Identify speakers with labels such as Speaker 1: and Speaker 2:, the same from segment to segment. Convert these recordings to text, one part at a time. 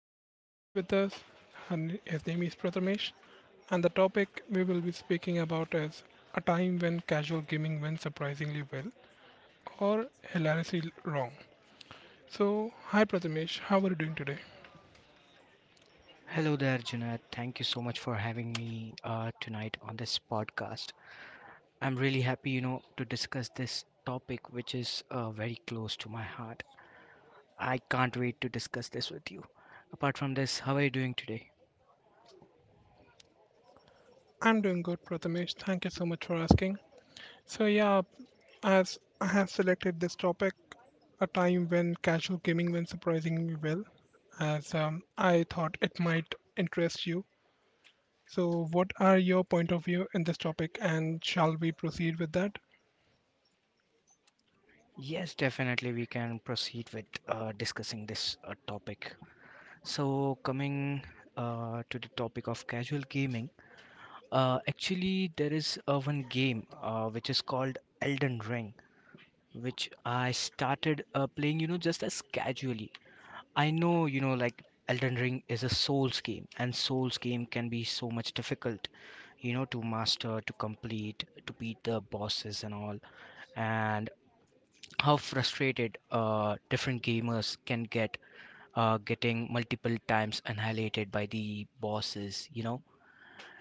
Speaker 1: one of the guests with us. His name is Prathamesh. And the topic we will be speaking about is a time when casual gaming went surprisingly well or hilariously wrong. So, hi, Prathamesh. How are you doing today?
Speaker 2: Hello there, Junaid. Thank you so much for having me tonight on this podcast. I'm really happy, you know, to discuss this topic, which is very close to my heart. I can't wait to discuss this with you. Apart from this, how are you doing today?
Speaker 1: I'm doing good, Prathamesh. Thank you so much for asking. So yeah, as I have selected this topic, a time when casual gaming went surprisingly well, as I thought it might interest you. So what are your point of view in this topic, and shall we proceed with that?
Speaker 2: Yes, definitely, we can proceed with discussing this topic. So, coming to the topic of casual gaming, actually, there is one game which is called Elden Ring, which I started playing, you know, just as casually. I know, you know, like Elden Ring is a Souls game, and Souls game can be so much difficult, you know, to master, to complete, to beat the bosses and all, and how frustrated different gamers can get getting multiple times annihilated by the bosses, you know.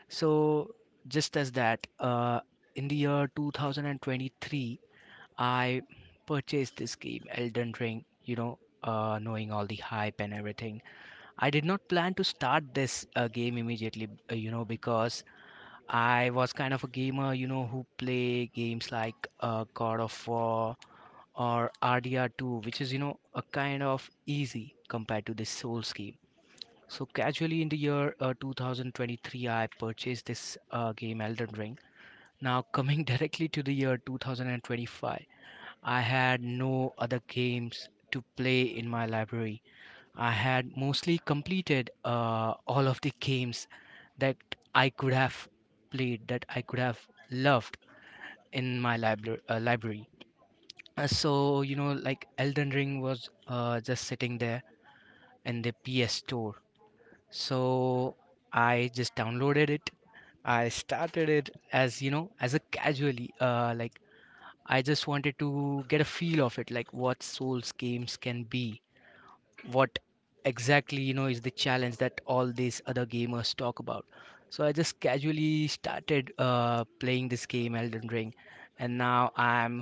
Speaker 2: So just as that, in the year 2023 I purchased this game, Elden Ring, you know, knowing all the hype and everything. I did not plan to start this game immediately, you know, because I was kind of a gamer, you know, who play games like God of War or RDR2, which is, you know, a kind of easy compared to this Souls game. So casually in the year 2023, I purchased this game Elden Ring. Now coming directly to the year 2025. I had no other games to play in my library. I had mostly completed all of the games that I could have played, that I could have loved in my library. So, you know, like Elden Ring was just sitting there in the PS store. So I just downloaded it. I started it as, you know, as a casually, like I just wanted to get a feel of it, like what Souls games can be, what exactly, you know, is the challenge that all these other gamers talk about. So I just casually started playing this game Elden Ring, and now I'm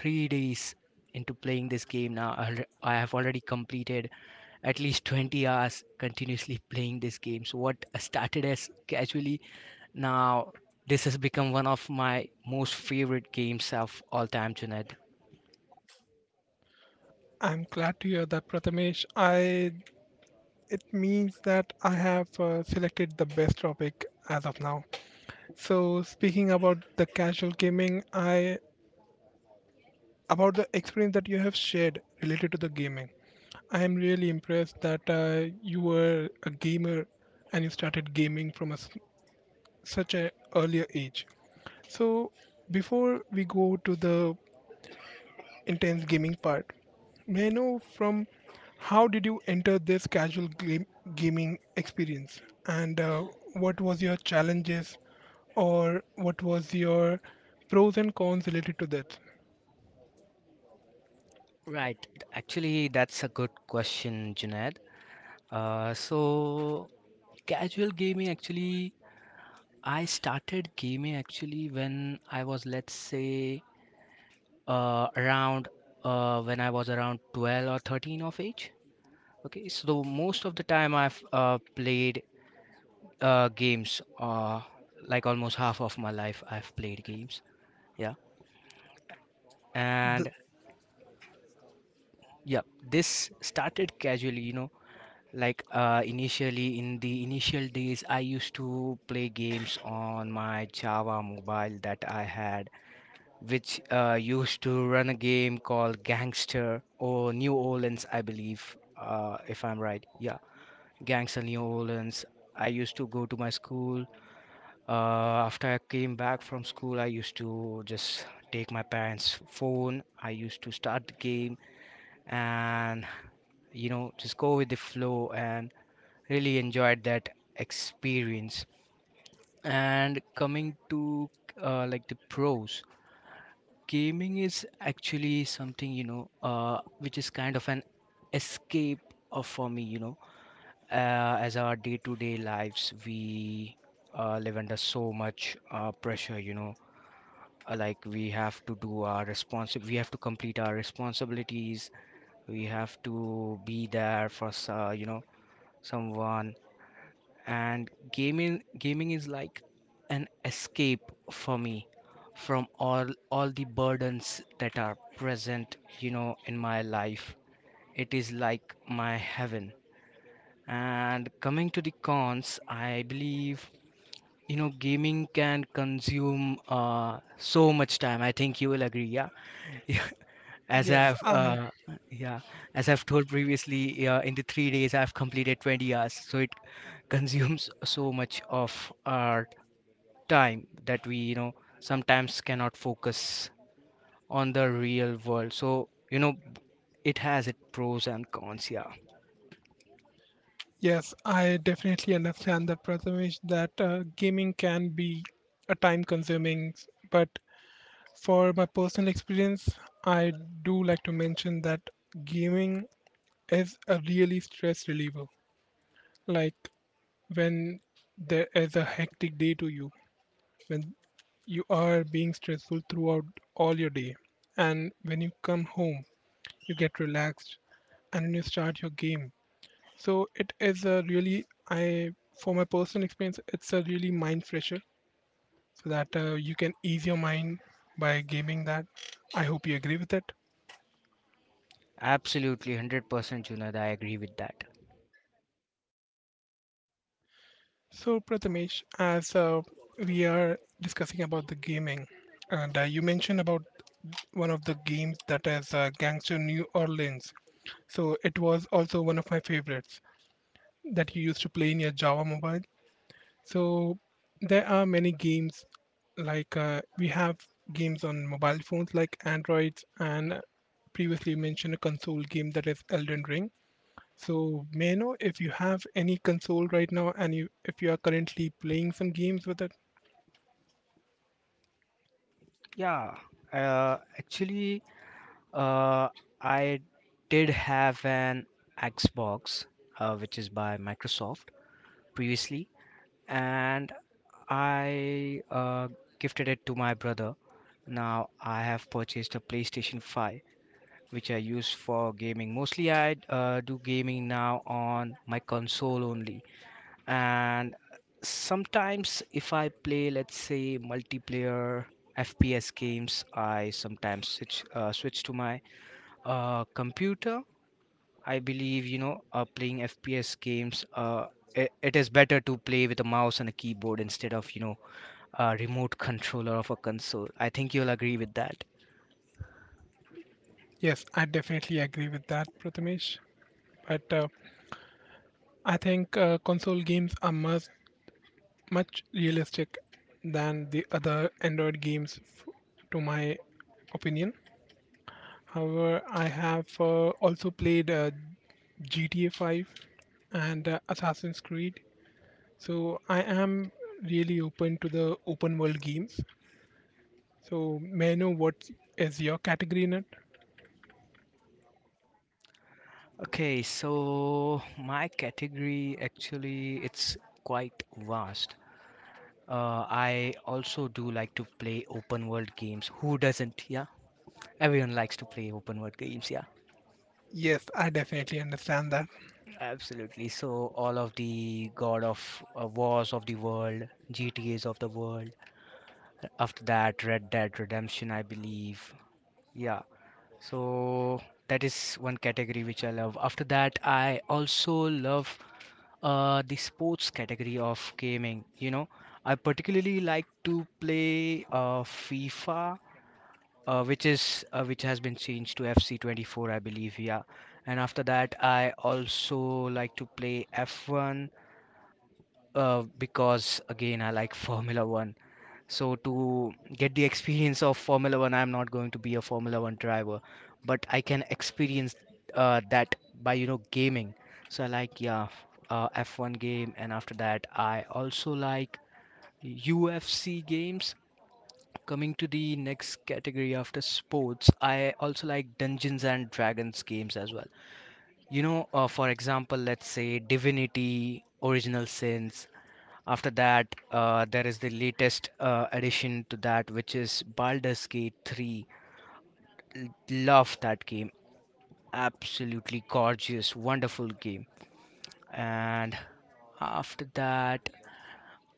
Speaker 2: 3 days into playing this game. Now I have already completed at least 20 hours continuously playing this game. So what started as casually, now this has become one of my most favorite games of all time, Junaid.
Speaker 1: I'm glad to hear that, Prathamesh. I It means that I have selected the best topic as of now. So speaking about the casual gaming, I about the experience that you have shared related to the gaming. I am really impressed that you were a gamer and you started gaming from a s such an earlier age. So, before we go to the intense gaming part, may I know from how did you enter this casual gaming experience and what was your challenges or what was your pros and cons related to that?
Speaker 2: Right, actually that's a good question, Junaid. So casual gaming actually, I started gaming actually when I was, let's say, around when I was around 12 or 13 of age. Okay, so most of the time I've played games, like almost half of my life I've played games. Yeah,
Speaker 1: The,
Speaker 2: and yeah, this started casually, you know. Like initially, in the initial days, I used to play games on my Java mobile that I had, which used to run a game called Gangster or New Orleans, I believe, if I'm right. Yeah, Gangster New Orleans. I used to go to my school. After I came back from school, I used to just take my parents' phone. I used to start the game and, you know, just go with the flow and really enjoyed that experience. And coming to like the pros, gaming is actually something, you know, which is kind of an escape of, for me, you know, as our day-to-day lives we live under so much pressure, you know. Like we have to do our we have to complete our responsibilities, we have to be there for you know, someone. And gaming is like an escape for me from all the burdens that are present, you know, in my life. It is like my heaven. And coming to the cons, I believe, you know, gaming can consume so much time. I think you will agree. Yeah. As
Speaker 1: yes,
Speaker 2: I've
Speaker 1: I
Speaker 2: yeah, as I've told previously, in the 3 days I've completed 20 hours, so it consumes so much of our time that we, you know, sometimes cannot focus on the real world. So you know it has its pros and cons. Yeah,
Speaker 1: Yes, I definitely understand that, Prathamesh, that gaming can be a time consuming. But for my personal experience, I do like to mention that gaming is a really stress reliever. Like when there is a hectic day to you, when you are being stressful throughout all your day, and when you come home, you get relaxed and you start your game. So it is a really, I for my personal experience, it's a really mind fresher so that you can ease your mind by gaming that. I hope you agree with it.
Speaker 2: absolutely, 100% Junaid, I agree with that.
Speaker 1: So Prathamesh, as we are discussing about the gaming, and you mentioned about one of the games that is Gangster New Orleans. So it was also one of my favorites that you used to play in your Java mobile. So there are many games like we have games on mobile phones like Androids and previously mentioned a console game that is Elden Ring. So may I know if you have any console right now and you if you are currently playing some games with it?
Speaker 2: Yeah, actually, uh, I did have an Xbox, which is by Microsoft previously, and I gifted it to my brother. Now I have purchased a PlayStation 5, which I use for gaming. Mostly I do gaming now on my console only, and sometimes if I play, let's say, multiplayer FPS games, I sometimes switch to my computer. I believe, you know, playing FPS games, it is better to play with a mouse and a keyboard instead of, you know, a remote controller of a console. I think you'll agree with that.
Speaker 1: Yes, I definitely agree with that, Prathamesh. But I think console games are much, much realistic than the other Android games, to my opinion. However, I have also played GTA 5 and Assassin's Creed. So I am really open to the open world games. So may I know what is your category in it?
Speaker 2: Okay, so my category actually it's quite vast. I also do like to play open world games. Who doesn't? Yeah, everyone likes to play open world games. Yeah,
Speaker 1: Yes, I definitely understand that.
Speaker 2: absolutely. So all of the God of Wars of the world, GTA's of the world, after that, Red Dead Redemption, I believe. Yeah. So that is one category which I love. After that, I also love the sports category of gaming. You know, I particularly like to play FIFA, which has been changed to FC 24, I believe. Yeah, and after that, I also like to play F1, because again I like Formula One. So to get the experience of Formula One, I'm not going to be a Formula One driver, but I can experience that by, you know, gaming. So I like, yeah, F1 game, and after that I also like UFC games. Coming to the next category after sports, I also like Dungeons and Dragons games as well. You know, for example, let's say Divinity, Original Sin, after that, there is the latest addition to that, which is Baldur's Gate 3. Love that game. Absolutely gorgeous, wonderful game. And after that,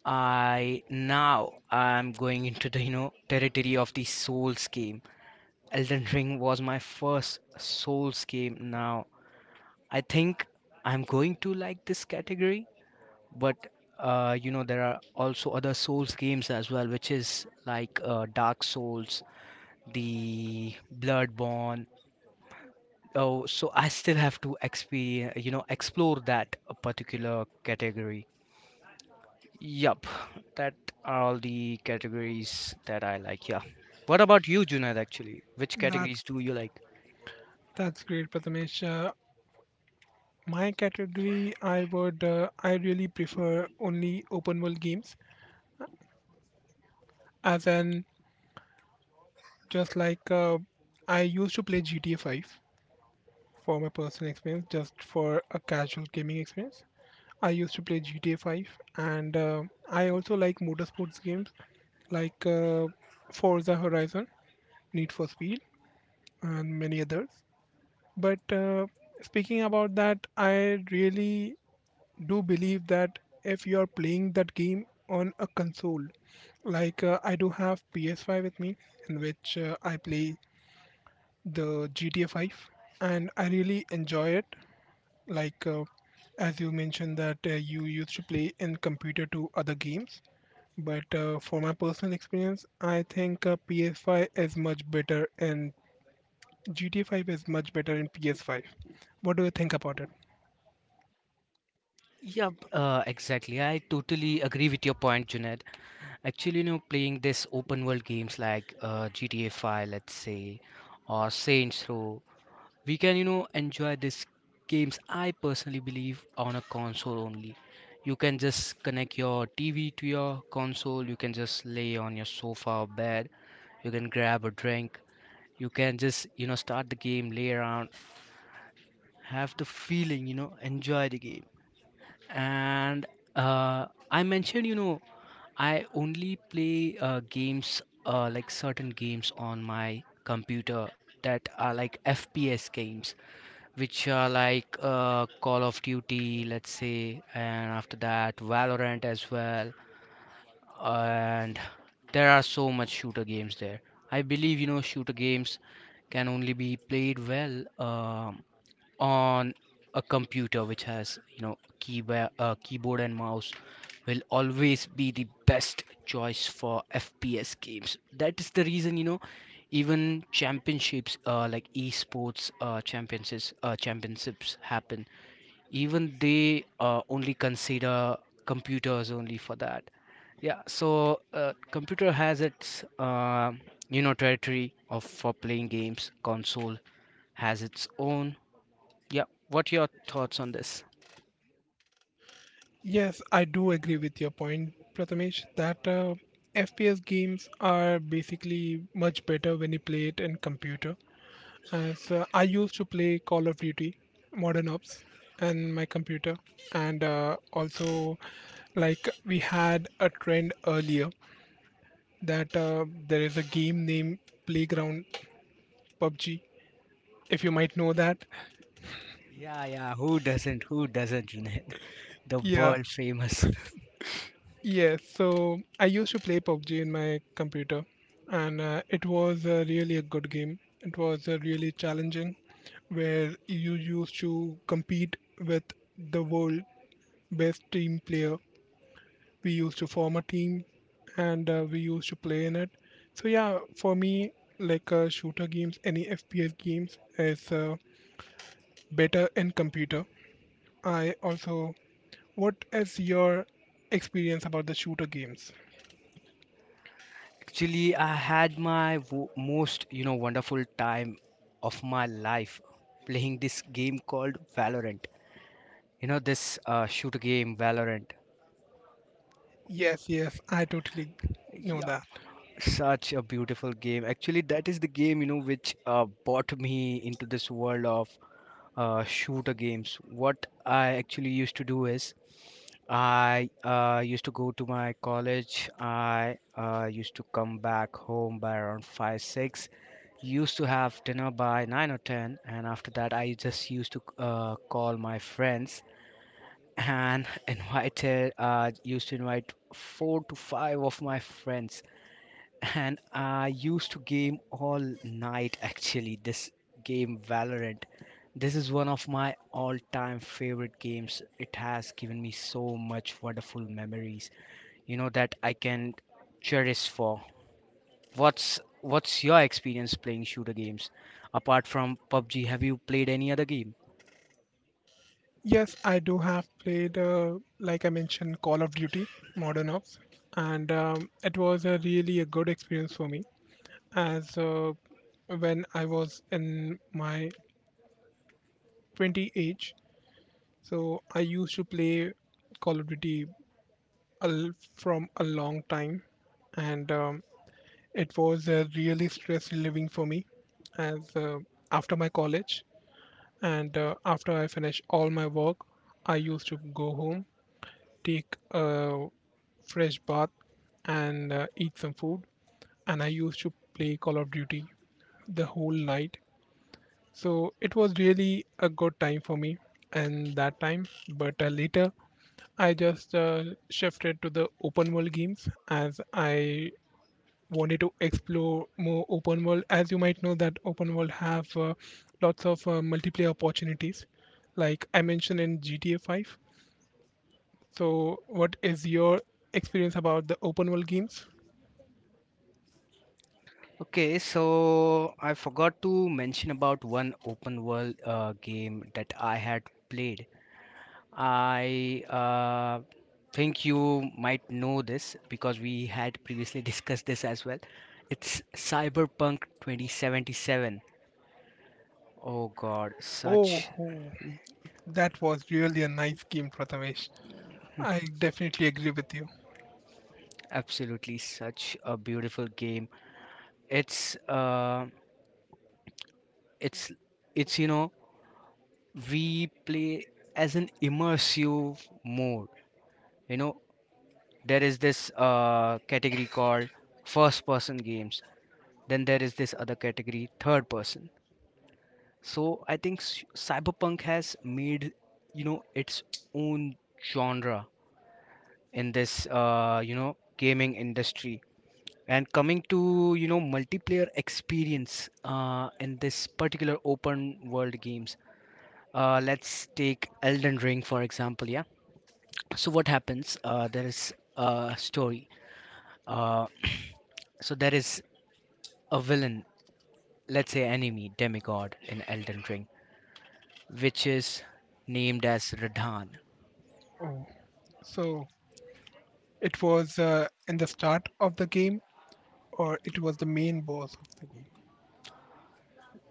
Speaker 2: I now I'm going into the, you know, territory of the Souls game. Elden Ring was my first Souls game. Now I think I'm going to like this category, but you know there are also other Souls games as well, which is like Dark Souls, the Bloodborne. Oh, so I still have to experience, you know, explore that particular category. Yup, that are all the categories that I like. Yeah, what about you, Junaid? Actually, which categories
Speaker 1: That's
Speaker 2: do you like?
Speaker 1: that's great, Prathamesh. My category, I really prefer only open world games, as in just like I used to play GTA 5, for my personal experience, just for a casual gaming experience. I used to play GTA 5, and I also like motorsports games like Forza Horizon, Need for Speed, and many others. But speaking about that, I really do believe that if you are playing that game on a console, like I do have PS5 with me, in which I play the GTA 5, and I really enjoy it. Like as you mentioned that you used to play in computer to other games, but for my personal experience, I think PS5 is much better and GTA 5 is much better in PS5. What do you think about it?
Speaker 2: Yep, exactly. I totally agree with your point, Junaid. Actually, you know, playing this open world games like GTA 5, let's say, or Saints Row, we can, you know, enjoy these games. I personally believe on a console only. You can just connect your TV to your console. You can just lay on your sofa or bed. You can grab a drink. You can just, you know, start the game, lay around, have the feeling, you know, enjoy the game. And I mentioned, you know, I only play games like certain games on my computer, that are like FPS games, which are like Call of Duty, let's say, and after that Valorant as well. And there are so much shooter games there. I believe, you know, shooter games can only be played well, um, on a computer which has, you know, keyboard and mouse will always be the best choice for FPS games. That is the reason, you know, even championships, like esports championships happen, even they only consider computers only for that. Yeah, so computer has its you know territory of for playing games, console has its own. Yeah, what your thoughts on this?
Speaker 1: Yes, I do agree with your point, Prathamesh, that FPS games are basically much better when you play it in computer. As I used to play Call of Duty Modern Ops and my computer, and also like we had a trend earlier that there is a game named Playground PUBG. If you might know that,
Speaker 2: Yeah, yeah, who doesn't? Who doesn't, Junaid? The
Speaker 1: yeah,
Speaker 2: world famous.
Speaker 1: yes. So I used to play PUBG in my computer, and it was really a good game. It was really challenging, where you used to compete with the world best team player. We used to form a team and we used to play in it. So yeah, for me, like shooter games, any FPS games is better in computer. I also What is your experience about the shooter games?
Speaker 2: Actually, I had my most, you know, wonderful time of my life playing this game called Valorant. You know, this shooter game, Valorant.
Speaker 1: Yes, yes, I totally know
Speaker 2: Yeah,
Speaker 1: that.
Speaker 2: such a beautiful game. Actually, that is the game, you know, which brought me into this world of shooter games. What I actually used to do is I used to go to my college. I used to come back home by around 5 6. Used to have dinner by 9 or 10. And after that, I just used to call my friends and used to invite four to five of my friends, and I used to game all night actually this game Valorant. This is one of my all-time favorite games. It has given me so much wonderful memories, you know, that I can cherish for. What's your experience playing shooter games? Apart from PUBG, have you played any other game?
Speaker 1: Yes, I do have played like I mentioned, Call of Duty Modern Ops, and it was a really a good experience for me as when I was in my 20 age. So I used to play Call of Duty from a long time, and it was really stress relieving for me as after my college and after I finished all my work, I used to go home, take a fresh bath, and eat some food, and I used to play Call of Duty the whole night. So it was really a good time for me and that time. But later, I just shifted to the open world games as I wanted to explore more open world. As you might know, that open world have lots of multiplayer opportunities, like I mentioned in GTA 5. So, what is your experience about the open world games?
Speaker 2: Okay, so I forgot to mention about one open world game that I had played. I think you might know this because we had previously discussed this as well. It's Cyberpunk 2077. Oh God,
Speaker 1: Oh,
Speaker 2: such
Speaker 1: oh, that was really a nice game, Prathamesh. I definitely agree with you.
Speaker 2: absolutely such a beautiful game. It's uh, it's it's you know we play as an immersive mode. You know, there is this category called first person games. Then there is this other category, third person. So I think Cyberpunk has made, you know, its own genre in this, you know, gaming industry. And coming to, you know, multiplayer experience in this particular open world games, let's take Elden Ring for example. Yeah. So what happens? There is a story. Uh, so there is a villain, let's say enemy, demigod in Elden Ring, which is named as Radahn.
Speaker 1: Oh, so it was in the start of the game, or it was the main boss of the game?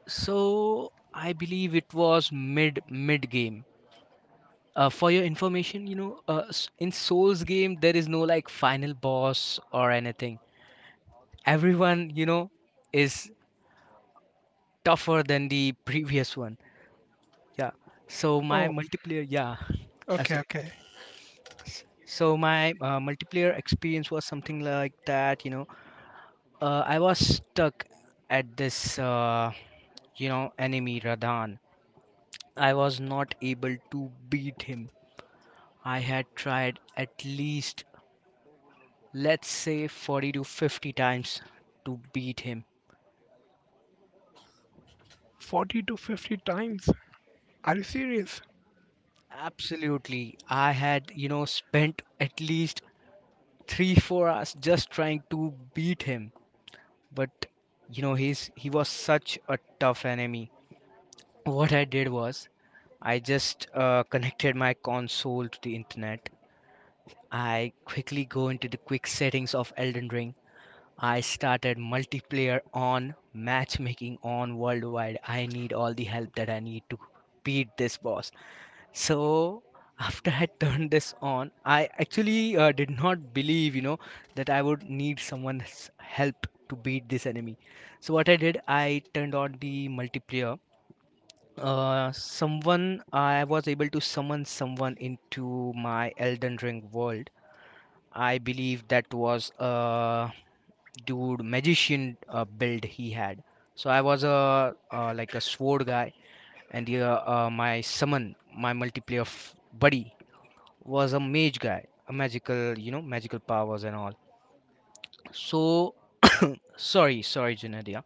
Speaker 2: So I believe it was mid game. For your information, you know, in Souls game there is no like final boss or anything. Everyone, you know, is tougher than the previous one. Yeah. So my
Speaker 1: Oh.
Speaker 2: multiplayer, yeah,
Speaker 1: Okay,
Speaker 2: absolutely.
Speaker 1: okay.
Speaker 2: So my multiplayer experience was something like that. You know, I was stuck at this, you know, enemy Radhan. I was not able to beat him. I had tried at least, let's say, 40 to 50 times to beat him.
Speaker 1: 40 to 50 times? Are you serious?
Speaker 2: Absolutely. I had, you know, spent at least 3 4 hours just trying to beat him. But, you know, he was such a tough enemy. What I did was I just connected my console to the internet. I quickly go into the quick settings of Elden Ring. I started multiplayer on matchmaking on worldwide. I need all the help that I need to beat this boss. So after I turned this on, I actually did not believe, you know, that I would need someone's help to beat this enemy. So what I did, I turned on the multiplayer. Someone I was able to summon someone into my Elden Ring world. I believe that was dude magician, build he had. So I was a, like a sword guy, and the, my summon, my multiplayer buddy, was a mage guy, a magical, you know, magical powers and all. So sorry, Junadia.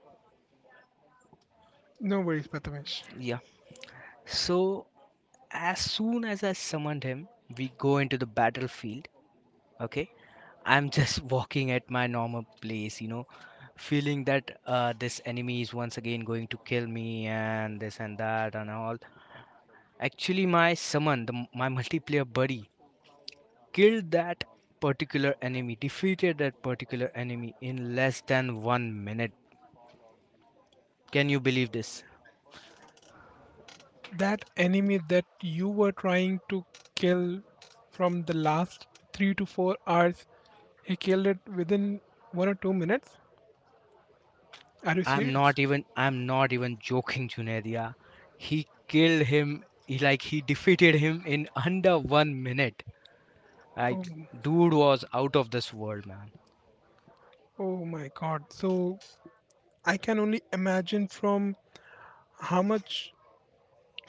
Speaker 1: No worries, Prathamesh.
Speaker 2: Yeah, so as soon as I summoned him, we go into the battlefield. Okay, I'm just walking at my normal place, you know, feeling that this enemy is once again going to kill me and this and that and all. Actually my summon, my multiplayer buddy, killed that particular enemy, defeated that particular enemy in less than 1 minute. Can you believe this?
Speaker 1: That enemy that you were trying to kill from the last 3 to 4 hours, he killed it within 1 or 2 minutes? Are you serious?
Speaker 2: I'm not even joking, Junadia. He killed him. He defeated him in under 1 minute.
Speaker 1: Oh,
Speaker 2: Like, dude was out of this world, man.
Speaker 1: oh my God. So I can only imagine from how much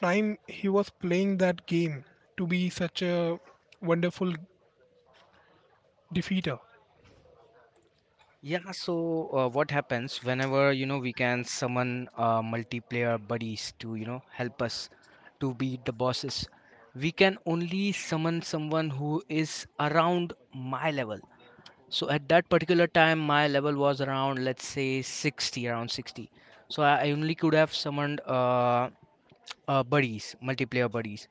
Speaker 1: time he was playing that game to be such a wonderful defeater.
Speaker 2: Yeah, so what happens whenever, you know, we can summon multiplayer buddies to, you know, help us to beat the bosses? We can only summon someone who is around my level. So at that particular time, my level was around, let's say, 60, around 60. So I only could have summoned buddies, multiplayer buddies,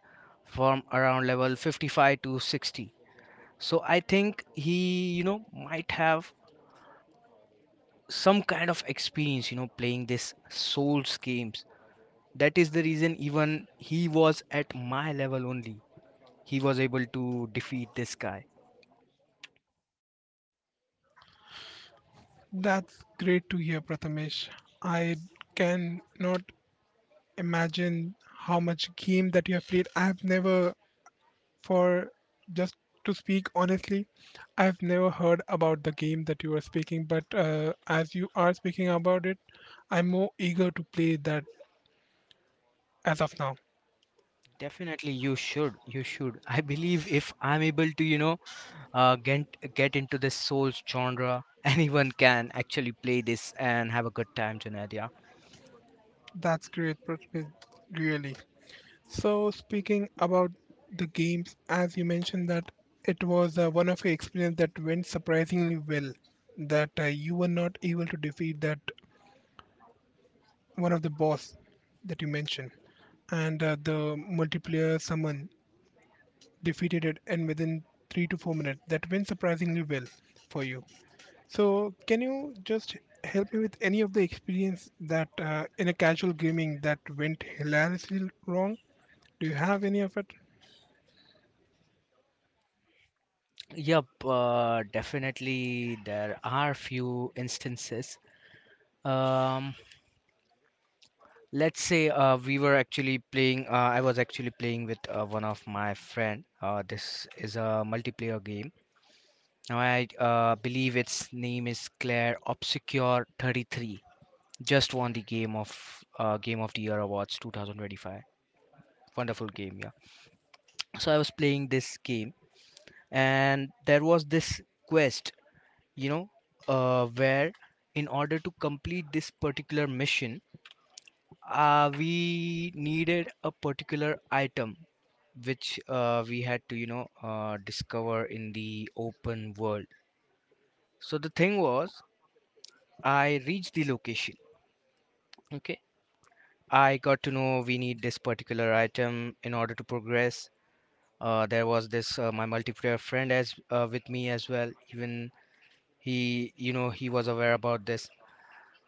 Speaker 2: from around level 55 to 60. So I think he, you know, might have some kind of experience, you know, playing this Souls games. That is the reason even he was at my level only. He was able to defeat this guy.
Speaker 1: That's great to hear, Prathamesh. I can not imagine how much game that you have played. I have never, for just to speak honestly, I've never heard about the game that you are speaking. But as you are speaking about it, I'm more eager to play that as of now.
Speaker 2: Definitely, you should. You should. I believe if I'm able to, you know, uh, get get into this Souls genre, anyone can actually play this and have a good time, Junaid. Yeah.
Speaker 1: That's great, Prathamesh. Really. So speaking about the games, as you mentioned that it was one of your experience that went surprisingly well, that you were not able to defeat that one of the boss that you mentioned, and the multiplayer summon defeated it and within 3 to 4 minutes. That went surprisingly well for you. So can you just help me with any of the experience that in a casual gaming that went hilariously wrong? Do you have any of it?
Speaker 2: Yep, definitely there are few instances. Um, let's say we were actually playing. I was actually playing with one of my friend. This is a multiplayer game. Now I believe its name is Claire Obscure 33. Just won the game of Game of the Year awards 2025. Wonderful game, yeah. So I was playing this game, and there was this quest, you know, where in order to complete this particular mission, we needed a particular item which we had to, you know, discover in the open world. So the thing was, I reached the location. Okay. I got to know we need this particular item in order to progress. There was this my multiplayer friend as with me as well. Even he, you know, he was aware about this.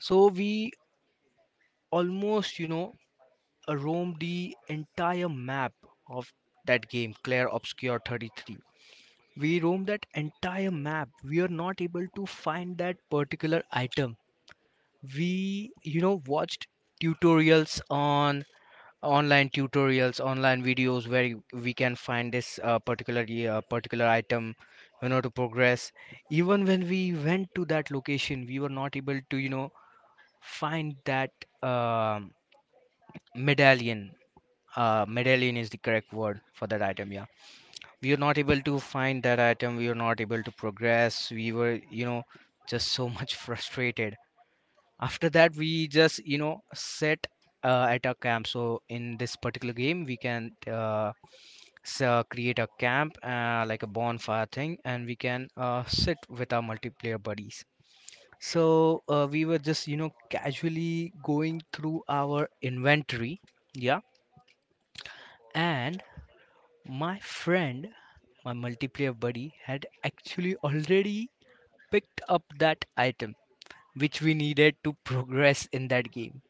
Speaker 2: So we almost, you know, roamed the entire map of that game, Claire Obscure 33. We roamed that entire map. We are not able to find that particular item. We, you know, watched tutorials on online tutorials, online videos where we can find this particular item, you know, to progress. Even when we went to that location, we were not able to, you know, find that um medallion. Medallion is the correct word for that item, yeah. We were not able to find that item. We were not able to progress. We were, you know, just so much frustrated. After that we just, you know, set at a camp. So in this particular game we can, create a camp, like a bonfire thing, and we can sit with our multiplayer buddies. So we were just, you know, casually going through our inventory. Yeah. And my friend, my multiplayer buddy, had actually already picked up that item which we needed to progress in that game.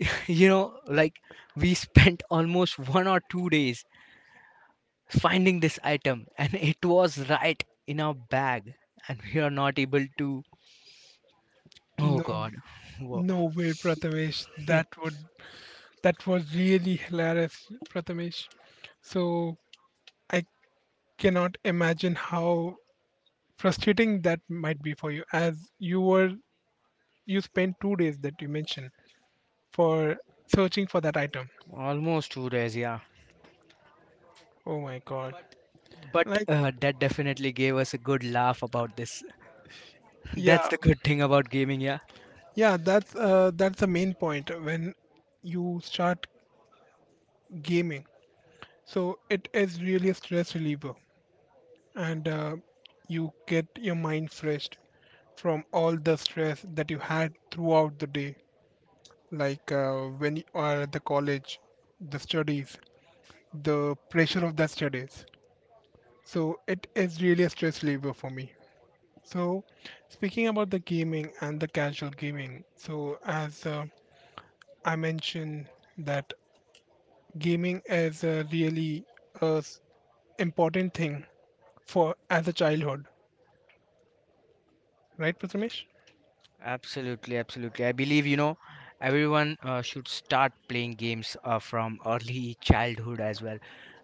Speaker 2: you know, like we spent almost 1 or 2 days finding this item and it was right in our bag and we are not able to. Oh
Speaker 1: No.
Speaker 2: god. Wo-
Speaker 1: No way, Prathamesh. That was really hilarious, Prathamesh. So I cannot imagine how frustrating that might be for you, as you spent 2 days that you mentioned for searching for that item.
Speaker 2: Almost 2 days, yeah.
Speaker 1: Oh my God!
Speaker 2: But
Speaker 1: Like,
Speaker 2: that definitely gave us a good laugh about this. That's
Speaker 1: yeah,
Speaker 2: the good thing about gaming, yeah.
Speaker 1: yeah. That's the main point when you start gaming. So it is really a stress reliever. And you get your mind fresh from all the stress that you had throughout the day, like when you are at the college, the studies, the pressure of the studies, so it is really a stress reliever for me. So speaking about the gaming and the casual gaming, so as I mentioned that gaming is a really uh, s- important thing for as a childhood, right, Prathamesh?
Speaker 2: Absolutely, absolutely. I believe, you know, everyone should start playing games from early childhood as well.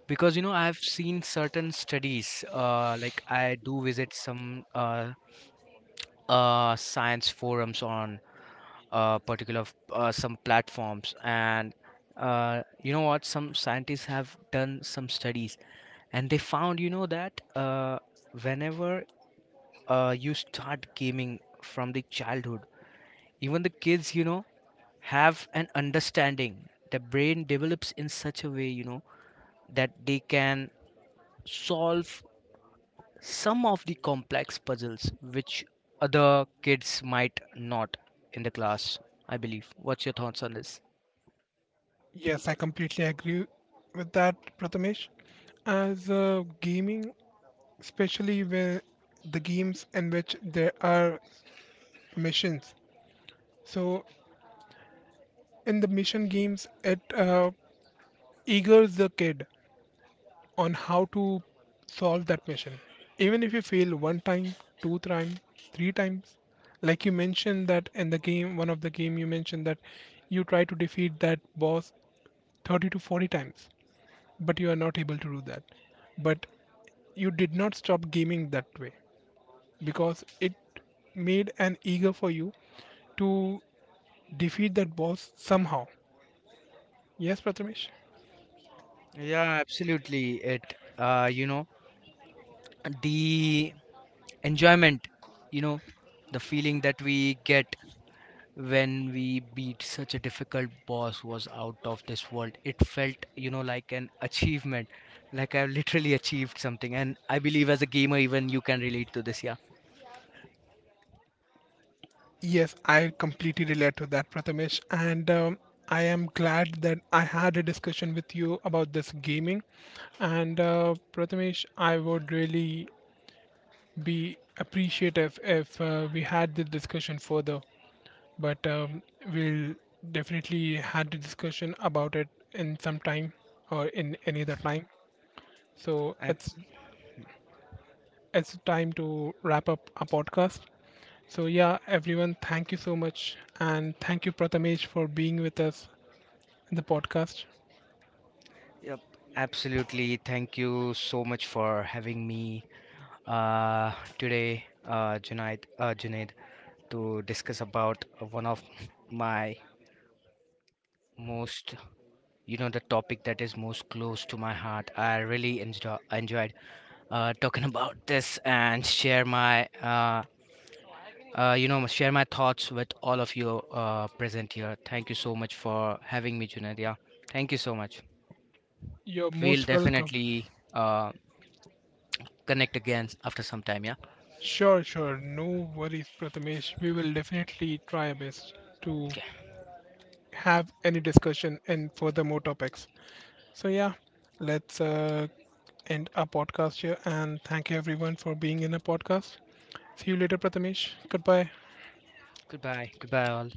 Speaker 2: Because, you know, I've seen certain studies, like I do visit some science forums on some platforms. And you know what? Some scientists have done some studies and they found, you know, that whenever you start gaming from the childhood, even the kids, you know, have an understanding. The brain develops in such a way, you know, that they can solve some of the complex puzzles which other kids might not, in the class. I believe, what's your thoughts on this?
Speaker 1: Yes, I completely agree with that, Prathamesh. As gaming, especially where the games in which there are missions. So, in the mission games, it eagers the kid on how to solve that mission. Even if you fail one time, two times, three times, like you mentioned that in the game, one of the game you mentioned that you try to defeat that boss 30 to 40 times, but you are not able to do that. But you did not stop gaming that way because it made an eager for you to defeat that boss somehow. Yes, Prathamesh?
Speaker 2: Yeah, absolutely. It, you know, the enjoyment, you know, the feeling that we get when we beat such a difficult boss was out of this world. It felt, you know, like an achievement, like I've literally achieved something. And I believe as a gamer even you can relate to this, yeah.
Speaker 1: Yes, I completely relate to that, Prathamesh. And I am glad that I had a discussion with you about this gaming. And Prathamesh, I would really be appreciative if we had the discussion further, but we'll definitely had a discussion about it in some time or in any other time. So
Speaker 2: Ab-
Speaker 1: it's time to wrap up our podcast. So yeah, everyone, thank you so much, and thank you, Prathamesh, for being with us in the podcast.
Speaker 2: yep, absolutely, thank you so much for having me uh today, Junaid, to discuss about one of my most, you know, the topic that is most close to my heart. I really enjoyed talking about this and share my, you know, share my thoughts with all of you present here. Thank you so much for having me, Junaid. Yeah, thank you so much.
Speaker 1: You're
Speaker 2: We'll
Speaker 1: most welcome.
Speaker 2: definitely connect again after some time. Yeah.
Speaker 1: Sure, sure, no worries, Prathamesh. We will definitely try our best to
Speaker 2: Okay.
Speaker 1: have any discussion and further more topics. So, yeah, let's end our podcast here. And thank you, everyone, for being in a podcast. See you later, Prathamesh. Goodbye.
Speaker 2: Goodbye. Goodbye all.